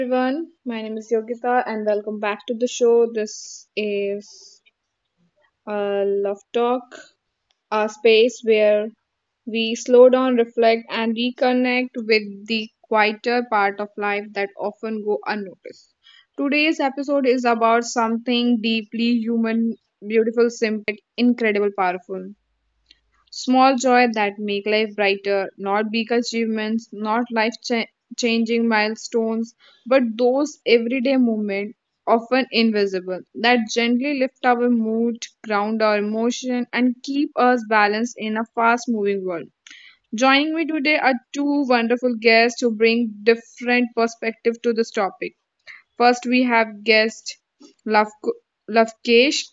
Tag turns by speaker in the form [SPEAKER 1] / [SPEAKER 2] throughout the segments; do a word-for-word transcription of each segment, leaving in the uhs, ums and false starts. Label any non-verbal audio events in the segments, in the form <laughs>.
[SPEAKER 1] everyone, my name is Yogita and welcome back to the show. This is a love talk, a space where we slow down, reflect and reconnect with the quieter part of life that often go unnoticed. Today's episode is about something deeply human, beautiful, simple and yet incredible powerful. Small joy that make life brighter, not big achievements, not life cha- changing milestones, but those everyday moments, often invisible, that gently lift our mood, ground our emotion, and keep us balanced in a fast moving world. Joining me today are two wonderful guests who bring different perspective to this topic. First, we have guest Lav- Lavkesh,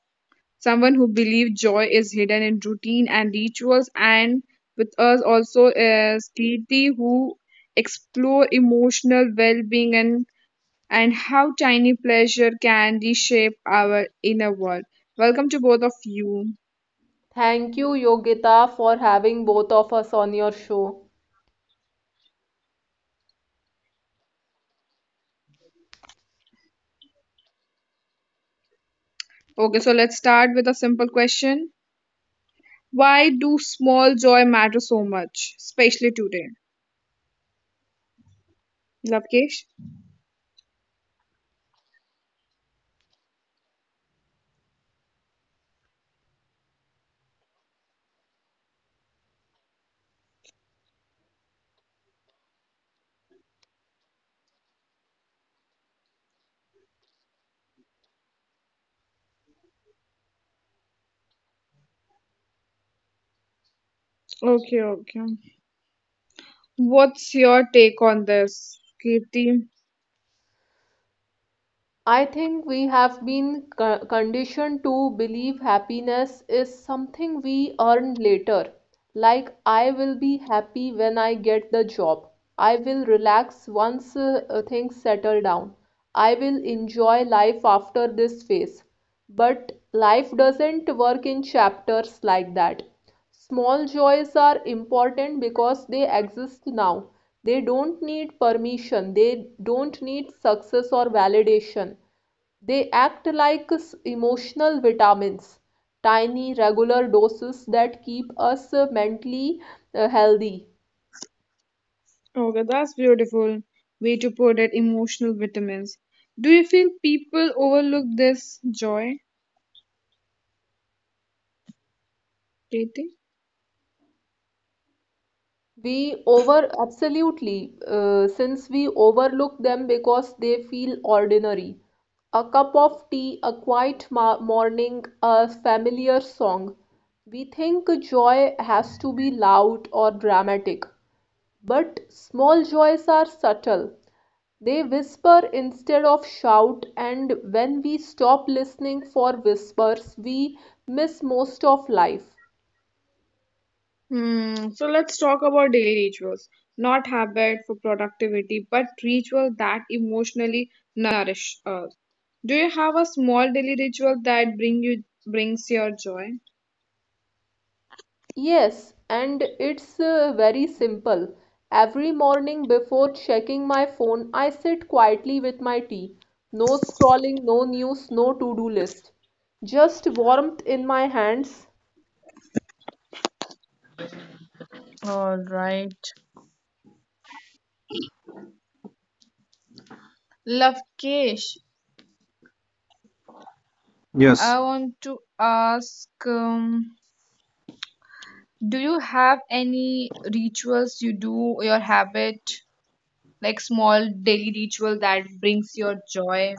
[SPEAKER 1] someone who believes joy is hidden in routine and rituals, and with us also is Kirti, who explore emotional well-being and and how tiny pleasure can reshape our inner world. Welcome to both of you.
[SPEAKER 2] Thank you, Yogita, for having both of us on your show.
[SPEAKER 1] Okay, so let's start with a simple question. Why do small joy matter so much, especially today? Lavkesh? Okay, okay. What's your take on this, Kirti?
[SPEAKER 2] I think we have been co- conditioned to believe happiness is something we earn later. Like, I will be happy when I get the job. I will relax once uh, uh, things settle down. I will enjoy life after this phase. But life doesn't work in chapters like that. Small joys are important because they exist now. They don't need permission, they don't need success or validation. They act like emotional vitamins, tiny, regular doses that keep us uh, mentally uh, healthy.
[SPEAKER 1] Okay, that's beautiful way to put it, emotional vitamins. Do you feel people overlook this joy dating?
[SPEAKER 2] We over, absolutely, uh, since we overlook them because they feel ordinary. A cup of tea, a quiet ma morning, a familiar song. We think joy has to be loud or dramatic, but small joys are subtle. They whisper instead of shout, and when we stop listening for whispers, we miss most of life.
[SPEAKER 1] Hmm, so let's talk about daily rituals. Not habit for productivity, but ritual that emotionally nourish us. Do you have a small daily ritual that bring you brings your joy?
[SPEAKER 2] Yes, and it's uh, very simple. Every morning before checking my phone, I sit quietly with my tea. No scrolling, no news, no to-do list. Just warmth in my hands.
[SPEAKER 1] All right. Lovekesh,
[SPEAKER 3] Yes.
[SPEAKER 1] I want to ask um, do you have any rituals you do, your habit like small daily ritual that brings your joy.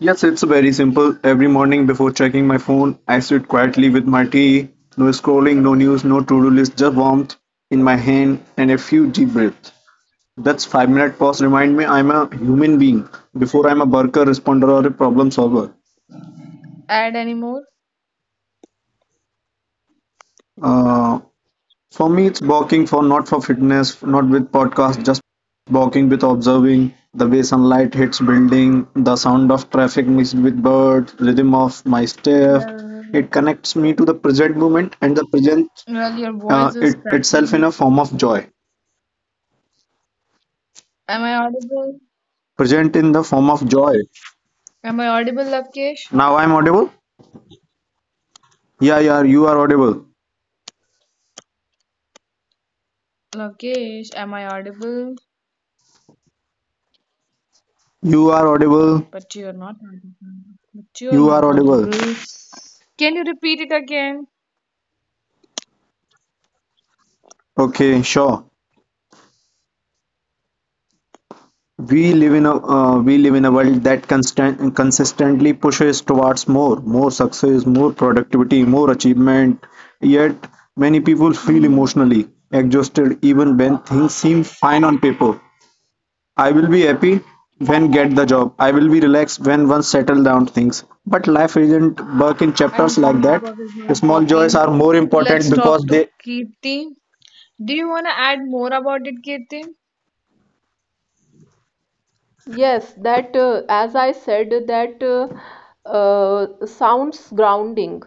[SPEAKER 3] Yes, it's very simple. Every morning before checking my phone, I sit quietly with my tea. No scrolling, no news, no to-do list, just warmth in my hand and a few deep breaths. That's five-minute pause remind me I'm a human being before I'm a worker, responder, or a problem solver.
[SPEAKER 1] Add any more?
[SPEAKER 3] Uh, For me, it's walking for not for fitness, not with podcast, just walking with observing the way sunlight hits building, the sound of traffic mixed with birds, rhythm of my step.
[SPEAKER 1] Well,
[SPEAKER 3] It connects me to the present moment and the present
[SPEAKER 1] well, your
[SPEAKER 3] uh,
[SPEAKER 1] voice is
[SPEAKER 3] it itself in a
[SPEAKER 1] cracking.
[SPEAKER 3] form of joy.
[SPEAKER 1] Am I audible?
[SPEAKER 3] Present in the form of joy.
[SPEAKER 1] Am I audible, Lavkesh?
[SPEAKER 3] Now I'm audible. Yeah, yeah, you are audible.
[SPEAKER 1] Lavkesh, am I audible?
[SPEAKER 3] You are audible.
[SPEAKER 1] But you are not audible. But you are
[SPEAKER 3] You are
[SPEAKER 1] not
[SPEAKER 3] audible.
[SPEAKER 1] audible. Can you repeat it again?
[SPEAKER 3] Okay, sure. We live in a uh, we live in a world that constant consistently pushes towards more, more success, more productivity, more achievement. Yet many people feel
[SPEAKER 1] Hmm,
[SPEAKER 3] emotionally exhausted even when things seem fine on paper. I will be happy when get the job. I will be relaxed when once settle down things. But life isn't work in
[SPEAKER 1] I
[SPEAKER 3] chapters
[SPEAKER 1] think the
[SPEAKER 3] like that.
[SPEAKER 1] network is
[SPEAKER 3] The
[SPEAKER 1] not
[SPEAKER 3] small joys
[SPEAKER 1] working.
[SPEAKER 3] are more
[SPEAKER 1] Let's
[SPEAKER 3] important because
[SPEAKER 1] talk to
[SPEAKER 3] they
[SPEAKER 1] Kirti. Do you want to add more about it, Kirti?
[SPEAKER 2] Yes, that uh, as I said, that uh, uh, sounds grounding.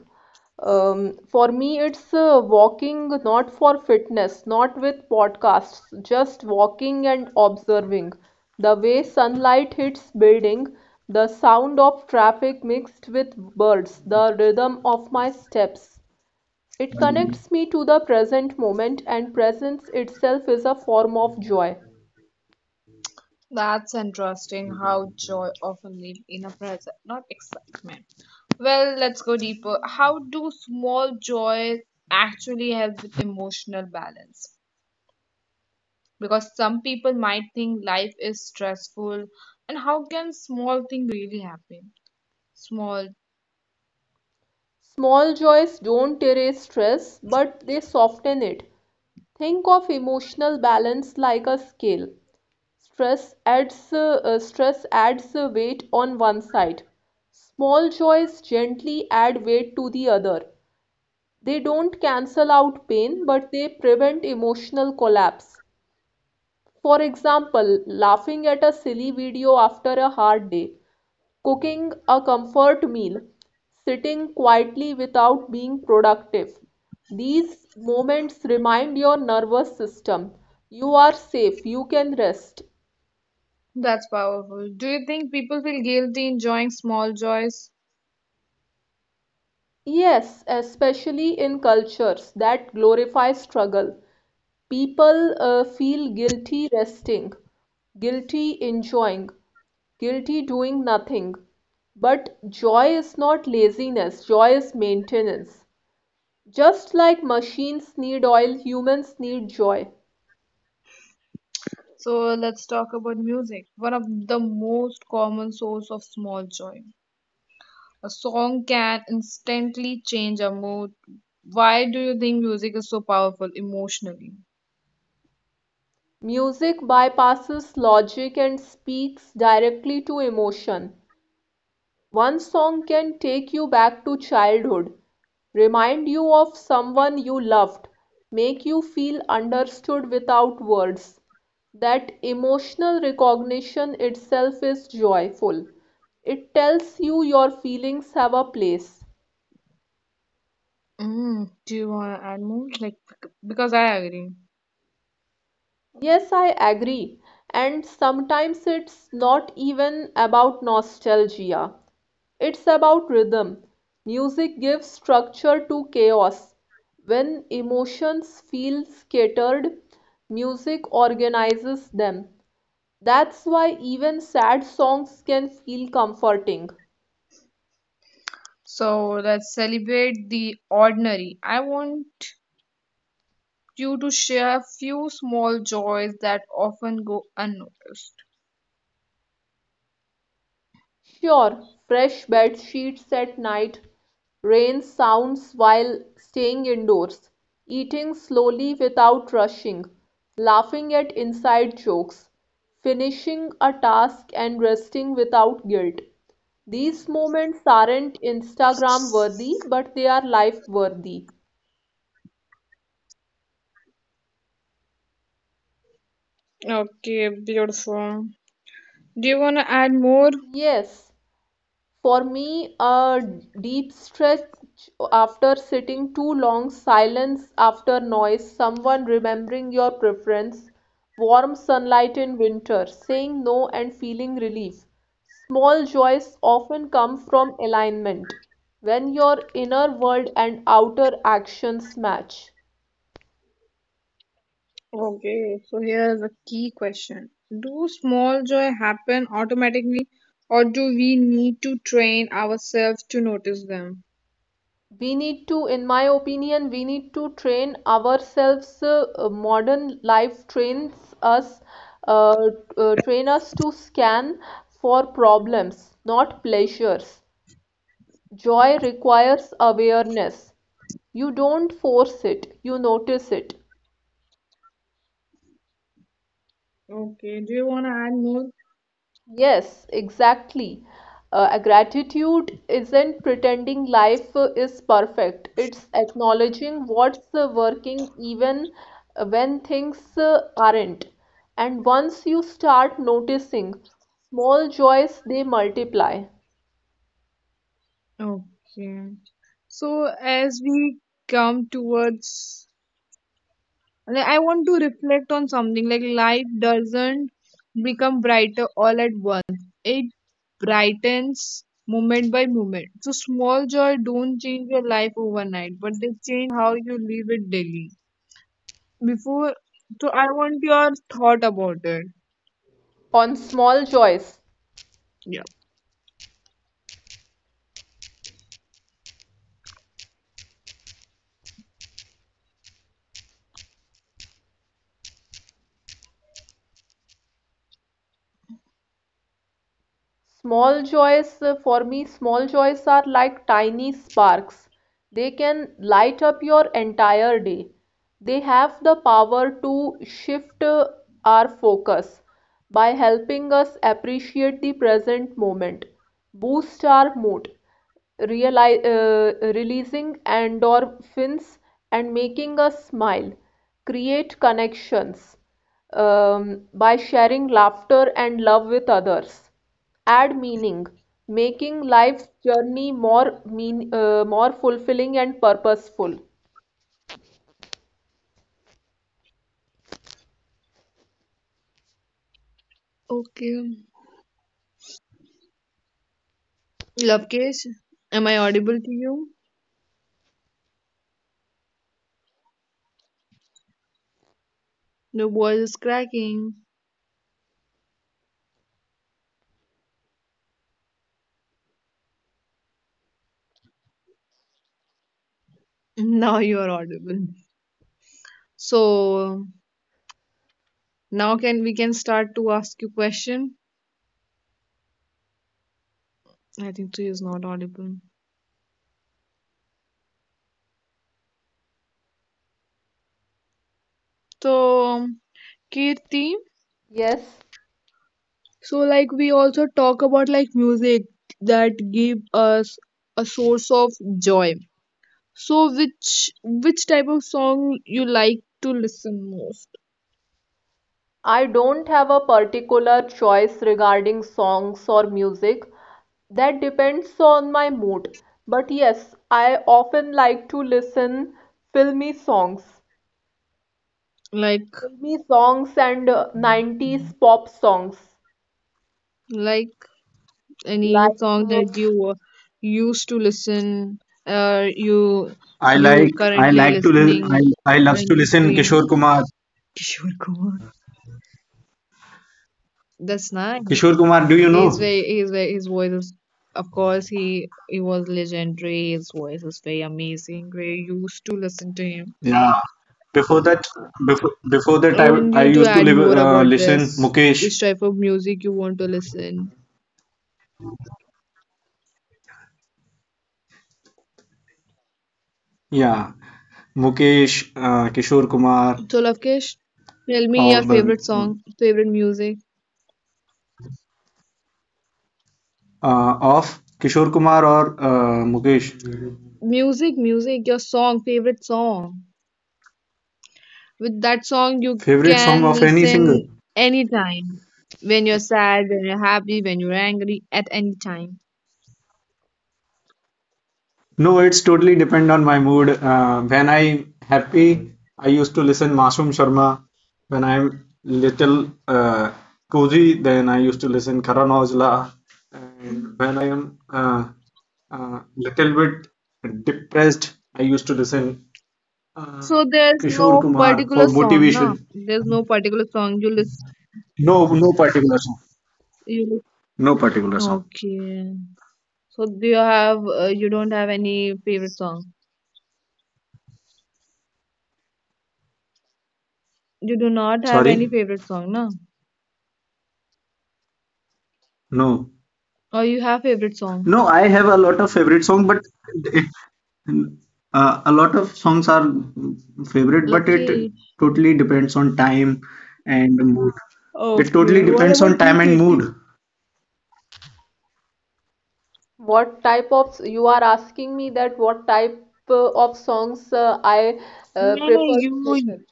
[SPEAKER 2] Um, for me, it's uh, walking, not for fitness, not with podcasts, just walking and observing. The way sunlight hits building, the sound of traffic mixed with birds, the rhythm of my steps. It connects me to the present moment, and presence itself is a form of joy.
[SPEAKER 1] That's interesting how joy often lives in a present, not excitement. Well, let's go deeper. How do small joys actually help with emotional balance? Because some people might think life is stressful, and how can small thing really happen? Small,
[SPEAKER 2] Small joys don't erase stress, but they soften it. Think of emotional balance like a scale. Stress adds uh, uh, stress adds uh, weight on one side. Small joys gently add weight to the other. They don't cancel out pain, but they prevent emotional collapse. For example, laughing at a silly video after a hard day, cooking a comfort meal, sitting quietly without being productive. These moments remind your nervous system you are safe, you can rest.
[SPEAKER 1] that's powerful. Do you think people feel guilty enjoying small joys?
[SPEAKER 2] Yes, especially in cultures that glorify struggle, people uh, feel guilty resting, guilty enjoying, guilty doing nothing. But joy is not laziness, joy is maintenance. Just like machines need oil, humans need joy.
[SPEAKER 1] So let's talk about music, one of the most common source of small joy. A song can instantly change a mood. Why do you think music is so powerful emotionally?
[SPEAKER 2] Music bypasses logic and speaks directly to emotion. One song can take you back to childhood, remind you of someone you loved, make you feel understood without words. That emotional recognition itself is joyful. It tells you your feelings have a place.
[SPEAKER 1] Mm, do you want to add more? Like, bec- because I agree.
[SPEAKER 2] Yes, I agree. And sometimes it's not even about nostalgia. It's about rhythm. Music gives structure to chaos. When emotions feel scattered, music organizes them. That's why even sad songs can feel comforting.
[SPEAKER 1] So let's celebrate the ordinary. I want you to share a few small joys that often go unnoticed.
[SPEAKER 2] Sure, fresh bed sheets at night, rain sounds while staying indoors, eating slowly without rushing, laughing at inside jokes, finishing a task and resting without guilt. These moments aren't Instagram worthy, but they are life worthy.
[SPEAKER 1] Okay, beautiful. Do you want to add more?
[SPEAKER 2] Yes. For me, a deep stretch after sitting too long, silence after noise, someone remembering your preference, warm sunlight in winter, saying no and feeling relief. Small joys often come from alignment when your inner world and outer actions match.
[SPEAKER 1] Okay, so here's a key question. Do small joy happen automatically or do we need to train ourselves to notice them?
[SPEAKER 2] We need to in my opinion we need to train ourselves. Uh, modern life trains us uh, uh, train us to scan for problems, not pleasures. Joy requires awareness. You don't force it, you notice it.
[SPEAKER 1] Okay, do you want to add more?
[SPEAKER 2] Yes, exactly. Uh, a gratitude isn't pretending life uh, is perfect. It's acknowledging what's uh, working even uh, when things uh, aren't. And once you start noticing small joys, they multiply.
[SPEAKER 1] Okay. So as we come towards like I want to reflect on something like life doesn't become brighter all at once. It brightens moment by moment. So small joy don't change your life overnight, but they change how you live it daily. Before, so I want your thought about it.
[SPEAKER 2] On small joys.
[SPEAKER 1] Yeah.
[SPEAKER 2] Small joys, uh, for me, small joys are like tiny sparks. They can light up your entire day. They have the power to shift uh, our focus by helping us appreciate the present moment, boost our mood, reali- uh, releasing endorphins and making us smile. Create connections um, by sharing laughter and love with others. Add meaning, making life's journey more mean, uh, more fulfilling and purposeful.
[SPEAKER 1] Okay. Lovekesh, am I audible to you? Your voice is cracking. <laughs> Now you are audible. So now can we can start to ask you question? I think she is not audible. So Kirti,
[SPEAKER 2] Yes.
[SPEAKER 1] so like we also talk about like music that give us a source of joy. So which which type of song you like to listen most?
[SPEAKER 2] I don't have a particular choice regarding songs or music. That depends on my mood. But yes, I often like to listen filmy songs,
[SPEAKER 1] like
[SPEAKER 2] filmy songs and uh, nineties pop songs.
[SPEAKER 1] Like any
[SPEAKER 2] Like
[SPEAKER 1] song
[SPEAKER 2] uh,
[SPEAKER 1] that you uh, used to listen, or you
[SPEAKER 3] I
[SPEAKER 1] you
[SPEAKER 3] like I
[SPEAKER 1] currently
[SPEAKER 3] like to li-
[SPEAKER 1] listening
[SPEAKER 3] I I loves
[SPEAKER 1] when
[SPEAKER 3] to
[SPEAKER 1] you're
[SPEAKER 3] listen
[SPEAKER 1] free.
[SPEAKER 3] Kishore Kumar.
[SPEAKER 1] Kishore Kumar. That's nice.
[SPEAKER 3] Kishore Kumar, do you
[SPEAKER 1] He's
[SPEAKER 3] know?
[SPEAKER 1] very, he's very, his voice is, of course, he he was legendary. His voice is very amazing. We used to listen to him.
[SPEAKER 3] Yeah. Before that, before before that,
[SPEAKER 1] I
[SPEAKER 3] I
[SPEAKER 1] want
[SPEAKER 3] I
[SPEAKER 1] you to
[SPEAKER 3] used to
[SPEAKER 1] add
[SPEAKER 3] live,
[SPEAKER 1] more
[SPEAKER 3] uh,
[SPEAKER 1] about
[SPEAKER 3] listen
[SPEAKER 1] this.
[SPEAKER 3] Mukesh.
[SPEAKER 1] Which type of music you want to listen?
[SPEAKER 3] Yeah, Mukesh, uh, Kishore Kumar,
[SPEAKER 1] So, Lavkesh, tell me
[SPEAKER 3] all
[SPEAKER 1] your
[SPEAKER 3] the
[SPEAKER 1] favorite song, favorite music.
[SPEAKER 3] uh, of Kishore Kumar or uh, Mukesh.
[SPEAKER 1] music music your song, favorite song, with that song you
[SPEAKER 3] Favorite song
[SPEAKER 1] can
[SPEAKER 3] of any singer?
[SPEAKER 1] listen anytime, when you're sad, when you're happy, when you're angry, at any time.
[SPEAKER 3] No, it's totally depend on my mood. Uh, when I'm happy, I used to listen Masum Sharma. When I'm little uh, cozy, then I used to listen Karan Aujla. And when am uh, uh, little bit depressed, I used to listen uh,
[SPEAKER 1] So there's
[SPEAKER 3] Kishore
[SPEAKER 1] no
[SPEAKER 3] Kumar for
[SPEAKER 1] particular song? No,
[SPEAKER 3] motivation.
[SPEAKER 1] there's no particular song you listen,
[SPEAKER 3] No, no particular song.
[SPEAKER 1] you lis-
[SPEAKER 3] No particular song.
[SPEAKER 1] okay, so do you have uh, you don't have any favorite song? You do not have
[SPEAKER 3] Sorry,
[SPEAKER 1] any favorite song? No,
[SPEAKER 3] no.
[SPEAKER 1] or you have favorite song,
[SPEAKER 3] No, I have a lot of favorite song, but it, uh, a lot of songs are favorite, but
[SPEAKER 1] Love
[SPEAKER 3] it
[SPEAKER 1] Ki.
[SPEAKER 3] totally depends on time and mood. It totally
[SPEAKER 1] Okay, what
[SPEAKER 3] depends on
[SPEAKER 1] about you,
[SPEAKER 3] time and
[SPEAKER 1] Kirti?
[SPEAKER 3] mood.
[SPEAKER 2] what type of you are asking me, that what type uh, of songs uh, I uh,
[SPEAKER 1] No, no,
[SPEAKER 2] prefer
[SPEAKER 1] you.
[SPEAKER 2] to listen.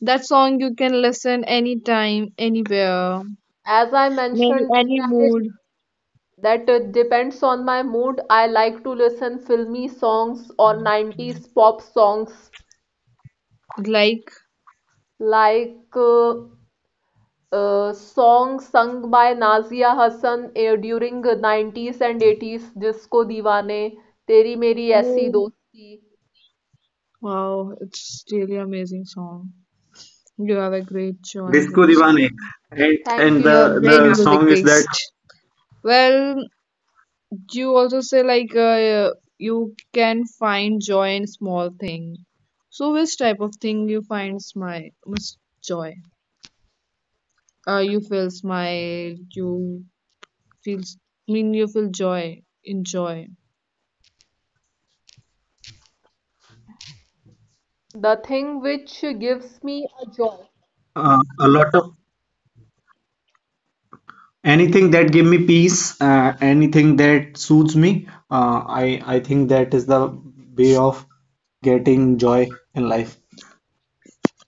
[SPEAKER 1] That song you can listen anytime, anywhere,
[SPEAKER 2] As I
[SPEAKER 1] maybe
[SPEAKER 2] mentioned,
[SPEAKER 1] any mood.
[SPEAKER 2] that uh, depends on my mood. I like to listen filmy songs or nineties pop songs
[SPEAKER 1] Like,
[SPEAKER 2] like uh, uh, songs sung by Nazia Hassan uh, during uh, nineties and eighties, Jisko Deewane, Teri Meri Aisi
[SPEAKER 1] oh,
[SPEAKER 2] Dosti.
[SPEAKER 1] wow, it's really amazing song. You have a great choice
[SPEAKER 3] Disco
[SPEAKER 1] in
[SPEAKER 3] Divane,
[SPEAKER 1] song.
[SPEAKER 3] and,
[SPEAKER 2] Thank
[SPEAKER 3] and
[SPEAKER 1] You
[SPEAKER 3] the
[SPEAKER 1] have
[SPEAKER 2] you.
[SPEAKER 3] the
[SPEAKER 1] great
[SPEAKER 3] yeah,
[SPEAKER 1] music
[SPEAKER 3] song is that
[SPEAKER 1] taste. Well, you also say like uh, you can find joy in small thing. So, which type of thing you find my most joy? Uh, you feel smile. You feel. I mean, you feel joy. Enjoy.
[SPEAKER 2] The thing which gives me
[SPEAKER 3] uh, a lot of anything that give me peace, uh, anything that soothes me. Uh, I I think that is the way of getting joy in life.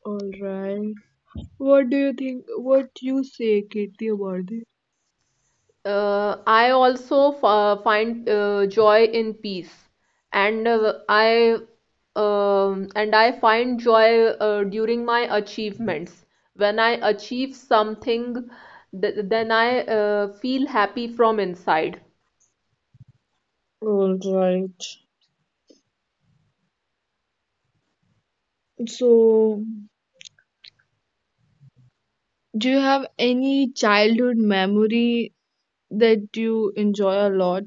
[SPEAKER 1] All right. What do you think? What you say, Kirti, about this?
[SPEAKER 2] Uh, I also f uh, find uh, joy in peace, and uh, I um, and I find joy uh, during my achievements. When I achieve something, th then I uh, feel happy from inside.
[SPEAKER 1] All right. So, do you have any childhood memory that you enjoy a lot?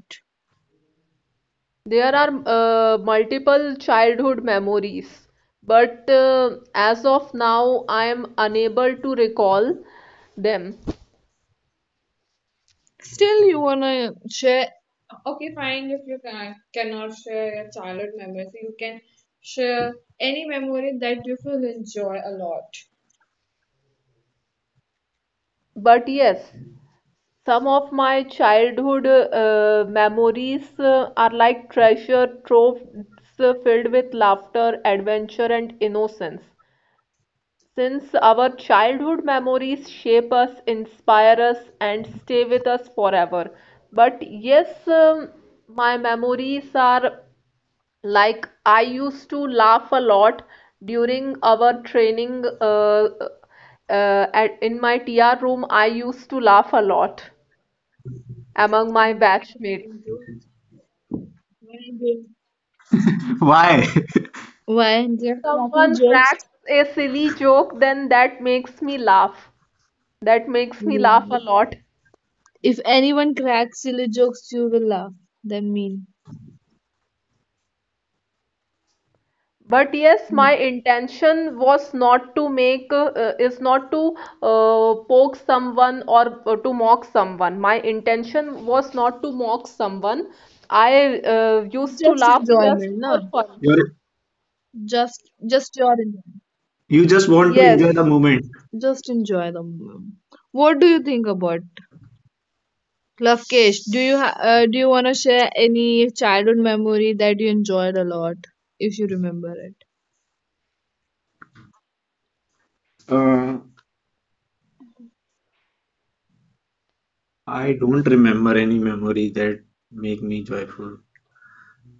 [SPEAKER 2] There are uh, multiple childhood memories, but uh, as of now, I am unable to recall them.
[SPEAKER 1] Still, you wanna share? Okay, fine. If you can, cannot share your childhood memories, you can share any memory that you feel enjoy a lot.
[SPEAKER 2] But yes, some of my childhood uh, memories uh, are like treasure troves uh, filled with laughter, adventure, and innocence. Since our childhood memories shape us, inspire us, and stay with us forever. But yes, um, my memories are like I used to laugh a lot during our training uh, uh, at, in my T R room. I used to laugh a lot among my
[SPEAKER 1] Yeah, they're
[SPEAKER 2] batchmates.
[SPEAKER 1] cracking jokes. Why they-
[SPEAKER 3] <laughs> Why?
[SPEAKER 1] why they're cracking
[SPEAKER 2] Someone
[SPEAKER 1] jokes?
[SPEAKER 2] cracks a silly joke, then that makes me laugh. That makes me laugh a
[SPEAKER 1] Mm.
[SPEAKER 2] lot.
[SPEAKER 1] If anyone cracks silly jokes, you will laugh. That mean
[SPEAKER 2] But yes, my
[SPEAKER 1] no.
[SPEAKER 2] intention was not to make, uh, is not to uh, poke someone or uh, to mock someone. My intention was not to mock someone. I uh, used to
[SPEAKER 1] Just
[SPEAKER 2] laugh just
[SPEAKER 1] enjoyment, no?
[SPEAKER 2] for
[SPEAKER 3] <laughs>
[SPEAKER 2] fun.
[SPEAKER 3] Your
[SPEAKER 1] Just just your enjoyment.
[SPEAKER 3] You just want to enjoy the
[SPEAKER 2] Yes,
[SPEAKER 3] moment.
[SPEAKER 1] Just enjoy the moment. What do you think about Lovekesh, do you ha- uh, do you want to share any childhood memory that you enjoyed a lot, if you remember it?
[SPEAKER 3] Uh, I don't remember any memory that make me joyful.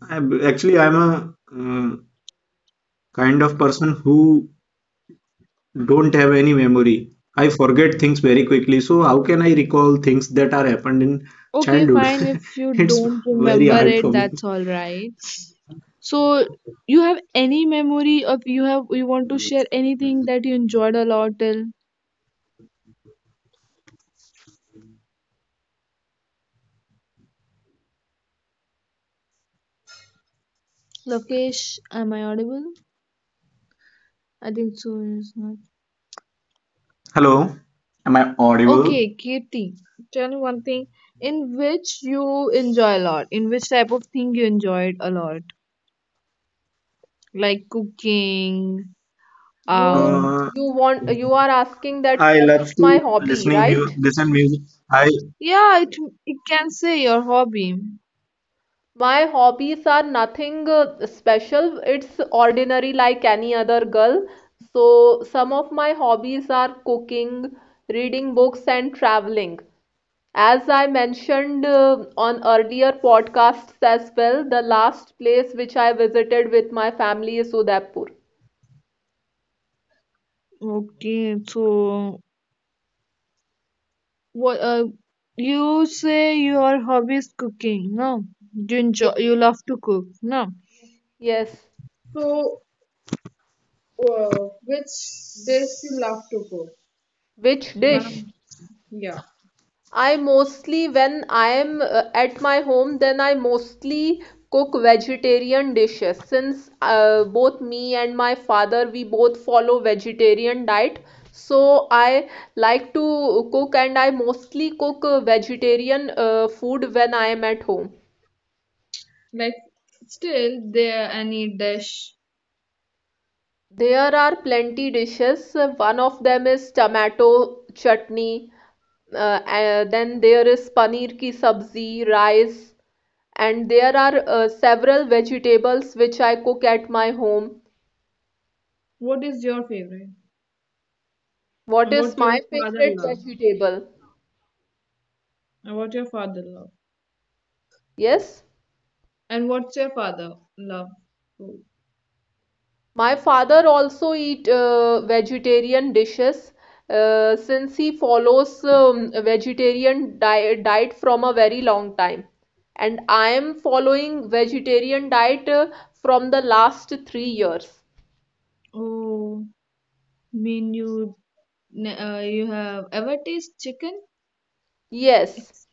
[SPEAKER 3] I, Actually, I'm a uh, kind of person who don't have any memory. I forget things very quickly. So how can I recall things that are happened in
[SPEAKER 1] Okay,
[SPEAKER 3] childhood?
[SPEAKER 1] fine. If you
[SPEAKER 3] <laughs> It's
[SPEAKER 1] don't
[SPEAKER 3] very
[SPEAKER 1] remember
[SPEAKER 3] hard
[SPEAKER 1] it,
[SPEAKER 3] for me.
[SPEAKER 1] that's all right. So, you have any memory of you have you want to share anything that you enjoyed a lot till Lovekesh? Am I audible? I think so. It's not.
[SPEAKER 3] Hello. Am I audible?
[SPEAKER 1] Okay, Kirti, tell me one thing in which you enjoy a lot. In which type of thing you enjoyed a lot, like cooking,
[SPEAKER 2] you
[SPEAKER 1] Um,
[SPEAKER 3] Uh,
[SPEAKER 2] you want you are asking that
[SPEAKER 3] I
[SPEAKER 2] what is
[SPEAKER 3] love
[SPEAKER 2] my
[SPEAKER 3] to
[SPEAKER 2] hobby,
[SPEAKER 3] listening music,
[SPEAKER 2] right?
[SPEAKER 3] listen music. I
[SPEAKER 1] yeah, it it can say your hobby.
[SPEAKER 2] My hobbies are nothing uh, special. It's ordinary like any other girl. So, some of my hobbies are cooking, reading books, and traveling. As I mentioned uh, on earlier podcasts as well, the last place which I visited with my family is Udaipur.
[SPEAKER 1] Okay, so what? Uh, you say your hobby is cooking. No, you enjoy. You love to cook. No.
[SPEAKER 2] Yes.
[SPEAKER 1] So, uh, which dish you love to cook?
[SPEAKER 2] Which
[SPEAKER 1] One,
[SPEAKER 2] dish?
[SPEAKER 1] of- yeah,
[SPEAKER 2] I mostly, when I am uh, at my home, then I mostly cook vegetarian dishes. Since uh, both me and my father, we both follow vegetarian diet, so I like to cook and I mostly cook uh, vegetarian uh, food when I am at home.
[SPEAKER 1] like still there any dish.
[SPEAKER 2] There are plenty dishes. One of them is tomato chutney. Uh, uh, then there is paneer ki sabzi, rice, and there are uh, several vegetables which I cook at my home.
[SPEAKER 1] What is your favorite?
[SPEAKER 2] What
[SPEAKER 1] And
[SPEAKER 2] is
[SPEAKER 1] what your
[SPEAKER 2] my
[SPEAKER 1] father
[SPEAKER 2] favorite
[SPEAKER 1] love?
[SPEAKER 2] vegetable?
[SPEAKER 1] And what your father love?
[SPEAKER 2] Yes.
[SPEAKER 1] And what's your father love? Food?
[SPEAKER 2] My father also eat uh, vegetarian dishes uh, since he follows um, a vegetarian diet, diet from a very long time. And I am following vegetarian diet uh, from the last three years.
[SPEAKER 1] Oh, mean you N- uh, you have ever tasted chicken?
[SPEAKER 2] Yes,
[SPEAKER 1] It's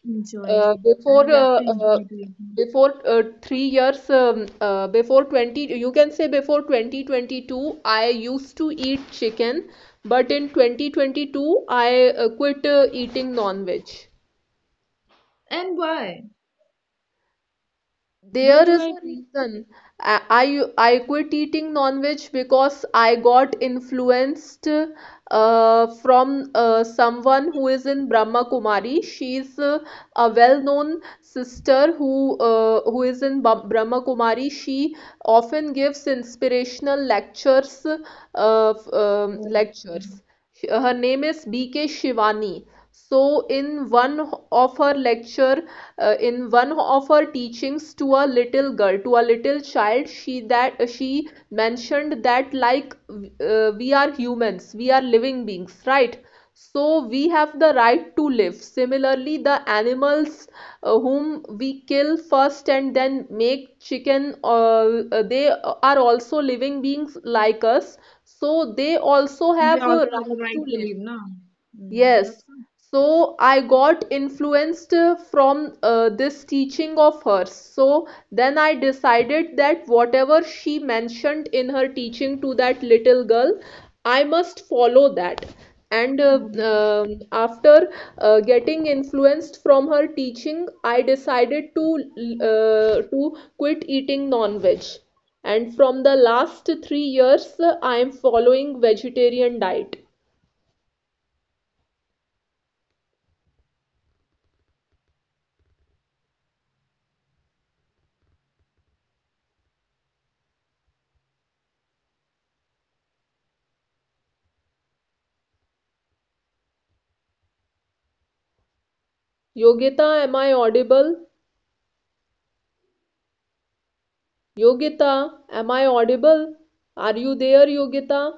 [SPEAKER 2] uh,
[SPEAKER 1] enjoy. I
[SPEAKER 2] before
[SPEAKER 1] love
[SPEAKER 2] uh,
[SPEAKER 1] to
[SPEAKER 2] uh,
[SPEAKER 1] enjoy doing it.
[SPEAKER 2] before uh, three years, um, uh, before twenty, you can say, before twenty twenty-two, I used to eat chicken, but in twenty twenty-two, I uh, quit uh, eating non-veg.
[SPEAKER 1] And why? Don't
[SPEAKER 2] There
[SPEAKER 1] you
[SPEAKER 2] is
[SPEAKER 1] like
[SPEAKER 2] a
[SPEAKER 1] it?
[SPEAKER 2] reason I, I I quit eating non-veg because I got influenced uh, from uh, someone who is in Brahma Kumari. She's uh, a well-known sister who uh, who is in Ba- Brahma Kumari. She often gives inspirational lectures, uh, f- um,
[SPEAKER 1] Oh, mm.
[SPEAKER 2] lectures. Her name is B K Shivani. So in one of her lecture, uh, in one of her teachings to a little girl, to a little child, she that uh, she mentioned that, like, uh, we are humans, we are living beings, right? So we have the right to live. Similarly, the animals uh, whom we kill first and then make chicken, uh, they are also living beings like us, so they also
[SPEAKER 1] they
[SPEAKER 2] have
[SPEAKER 1] also
[SPEAKER 2] a.
[SPEAKER 1] have a right to live now. Mm,
[SPEAKER 2] Yes,
[SPEAKER 1] that's
[SPEAKER 2] so I got influenced uh, from uh, this teaching of hers. So then I decided that whatever she mentioned in her teaching to that little girl, I must follow that. And uh,
[SPEAKER 1] fine.
[SPEAKER 2] um after uh, getting influenced from her teaching, I decided to uh, to quit eating non-veg. And from the last three years, uh, I am following vegetarian diet. Yogita, am I audible? Yogita, am I audible? Are you there, Yogita?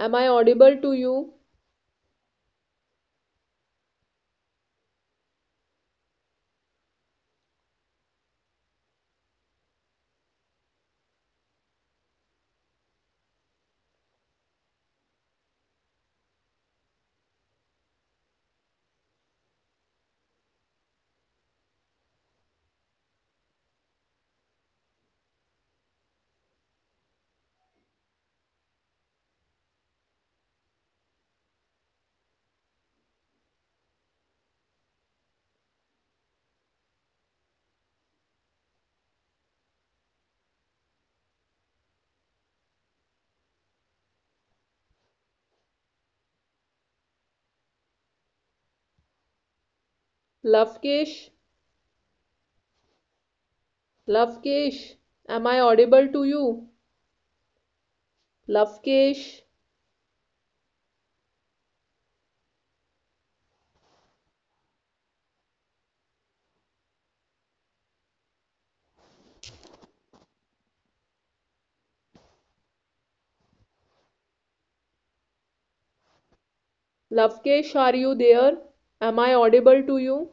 [SPEAKER 2] Am I audible to you? Lavkesh, Lavkesh, am I audible to you? Lavkesh, Lavkesh, are you there? Am I audible to you?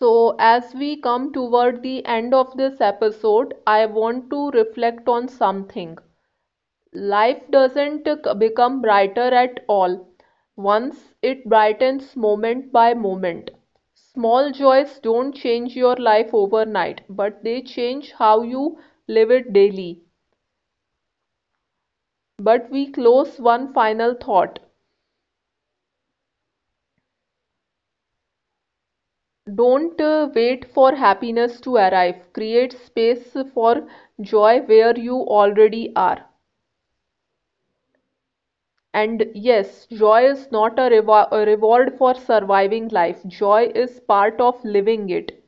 [SPEAKER 2] So, as we come toward the end of this episode, I want to reflect on something. Life doesn't become brighter at all once, it brightens moment by moment. Small joys don't change your life overnight, but they change how you live it daily. But we close one final thought. Don't uh, wait for happiness to arrive. Create space for joy where you already are. And yes, joy is not a, rewa- a reward for surviving life. Joy is part of living it.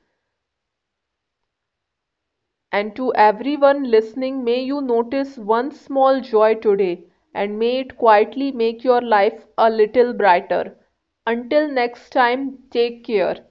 [SPEAKER 2] And to everyone listening, may you notice one small joy today, and may it quietly make your life a little brighter. Until next time, take care.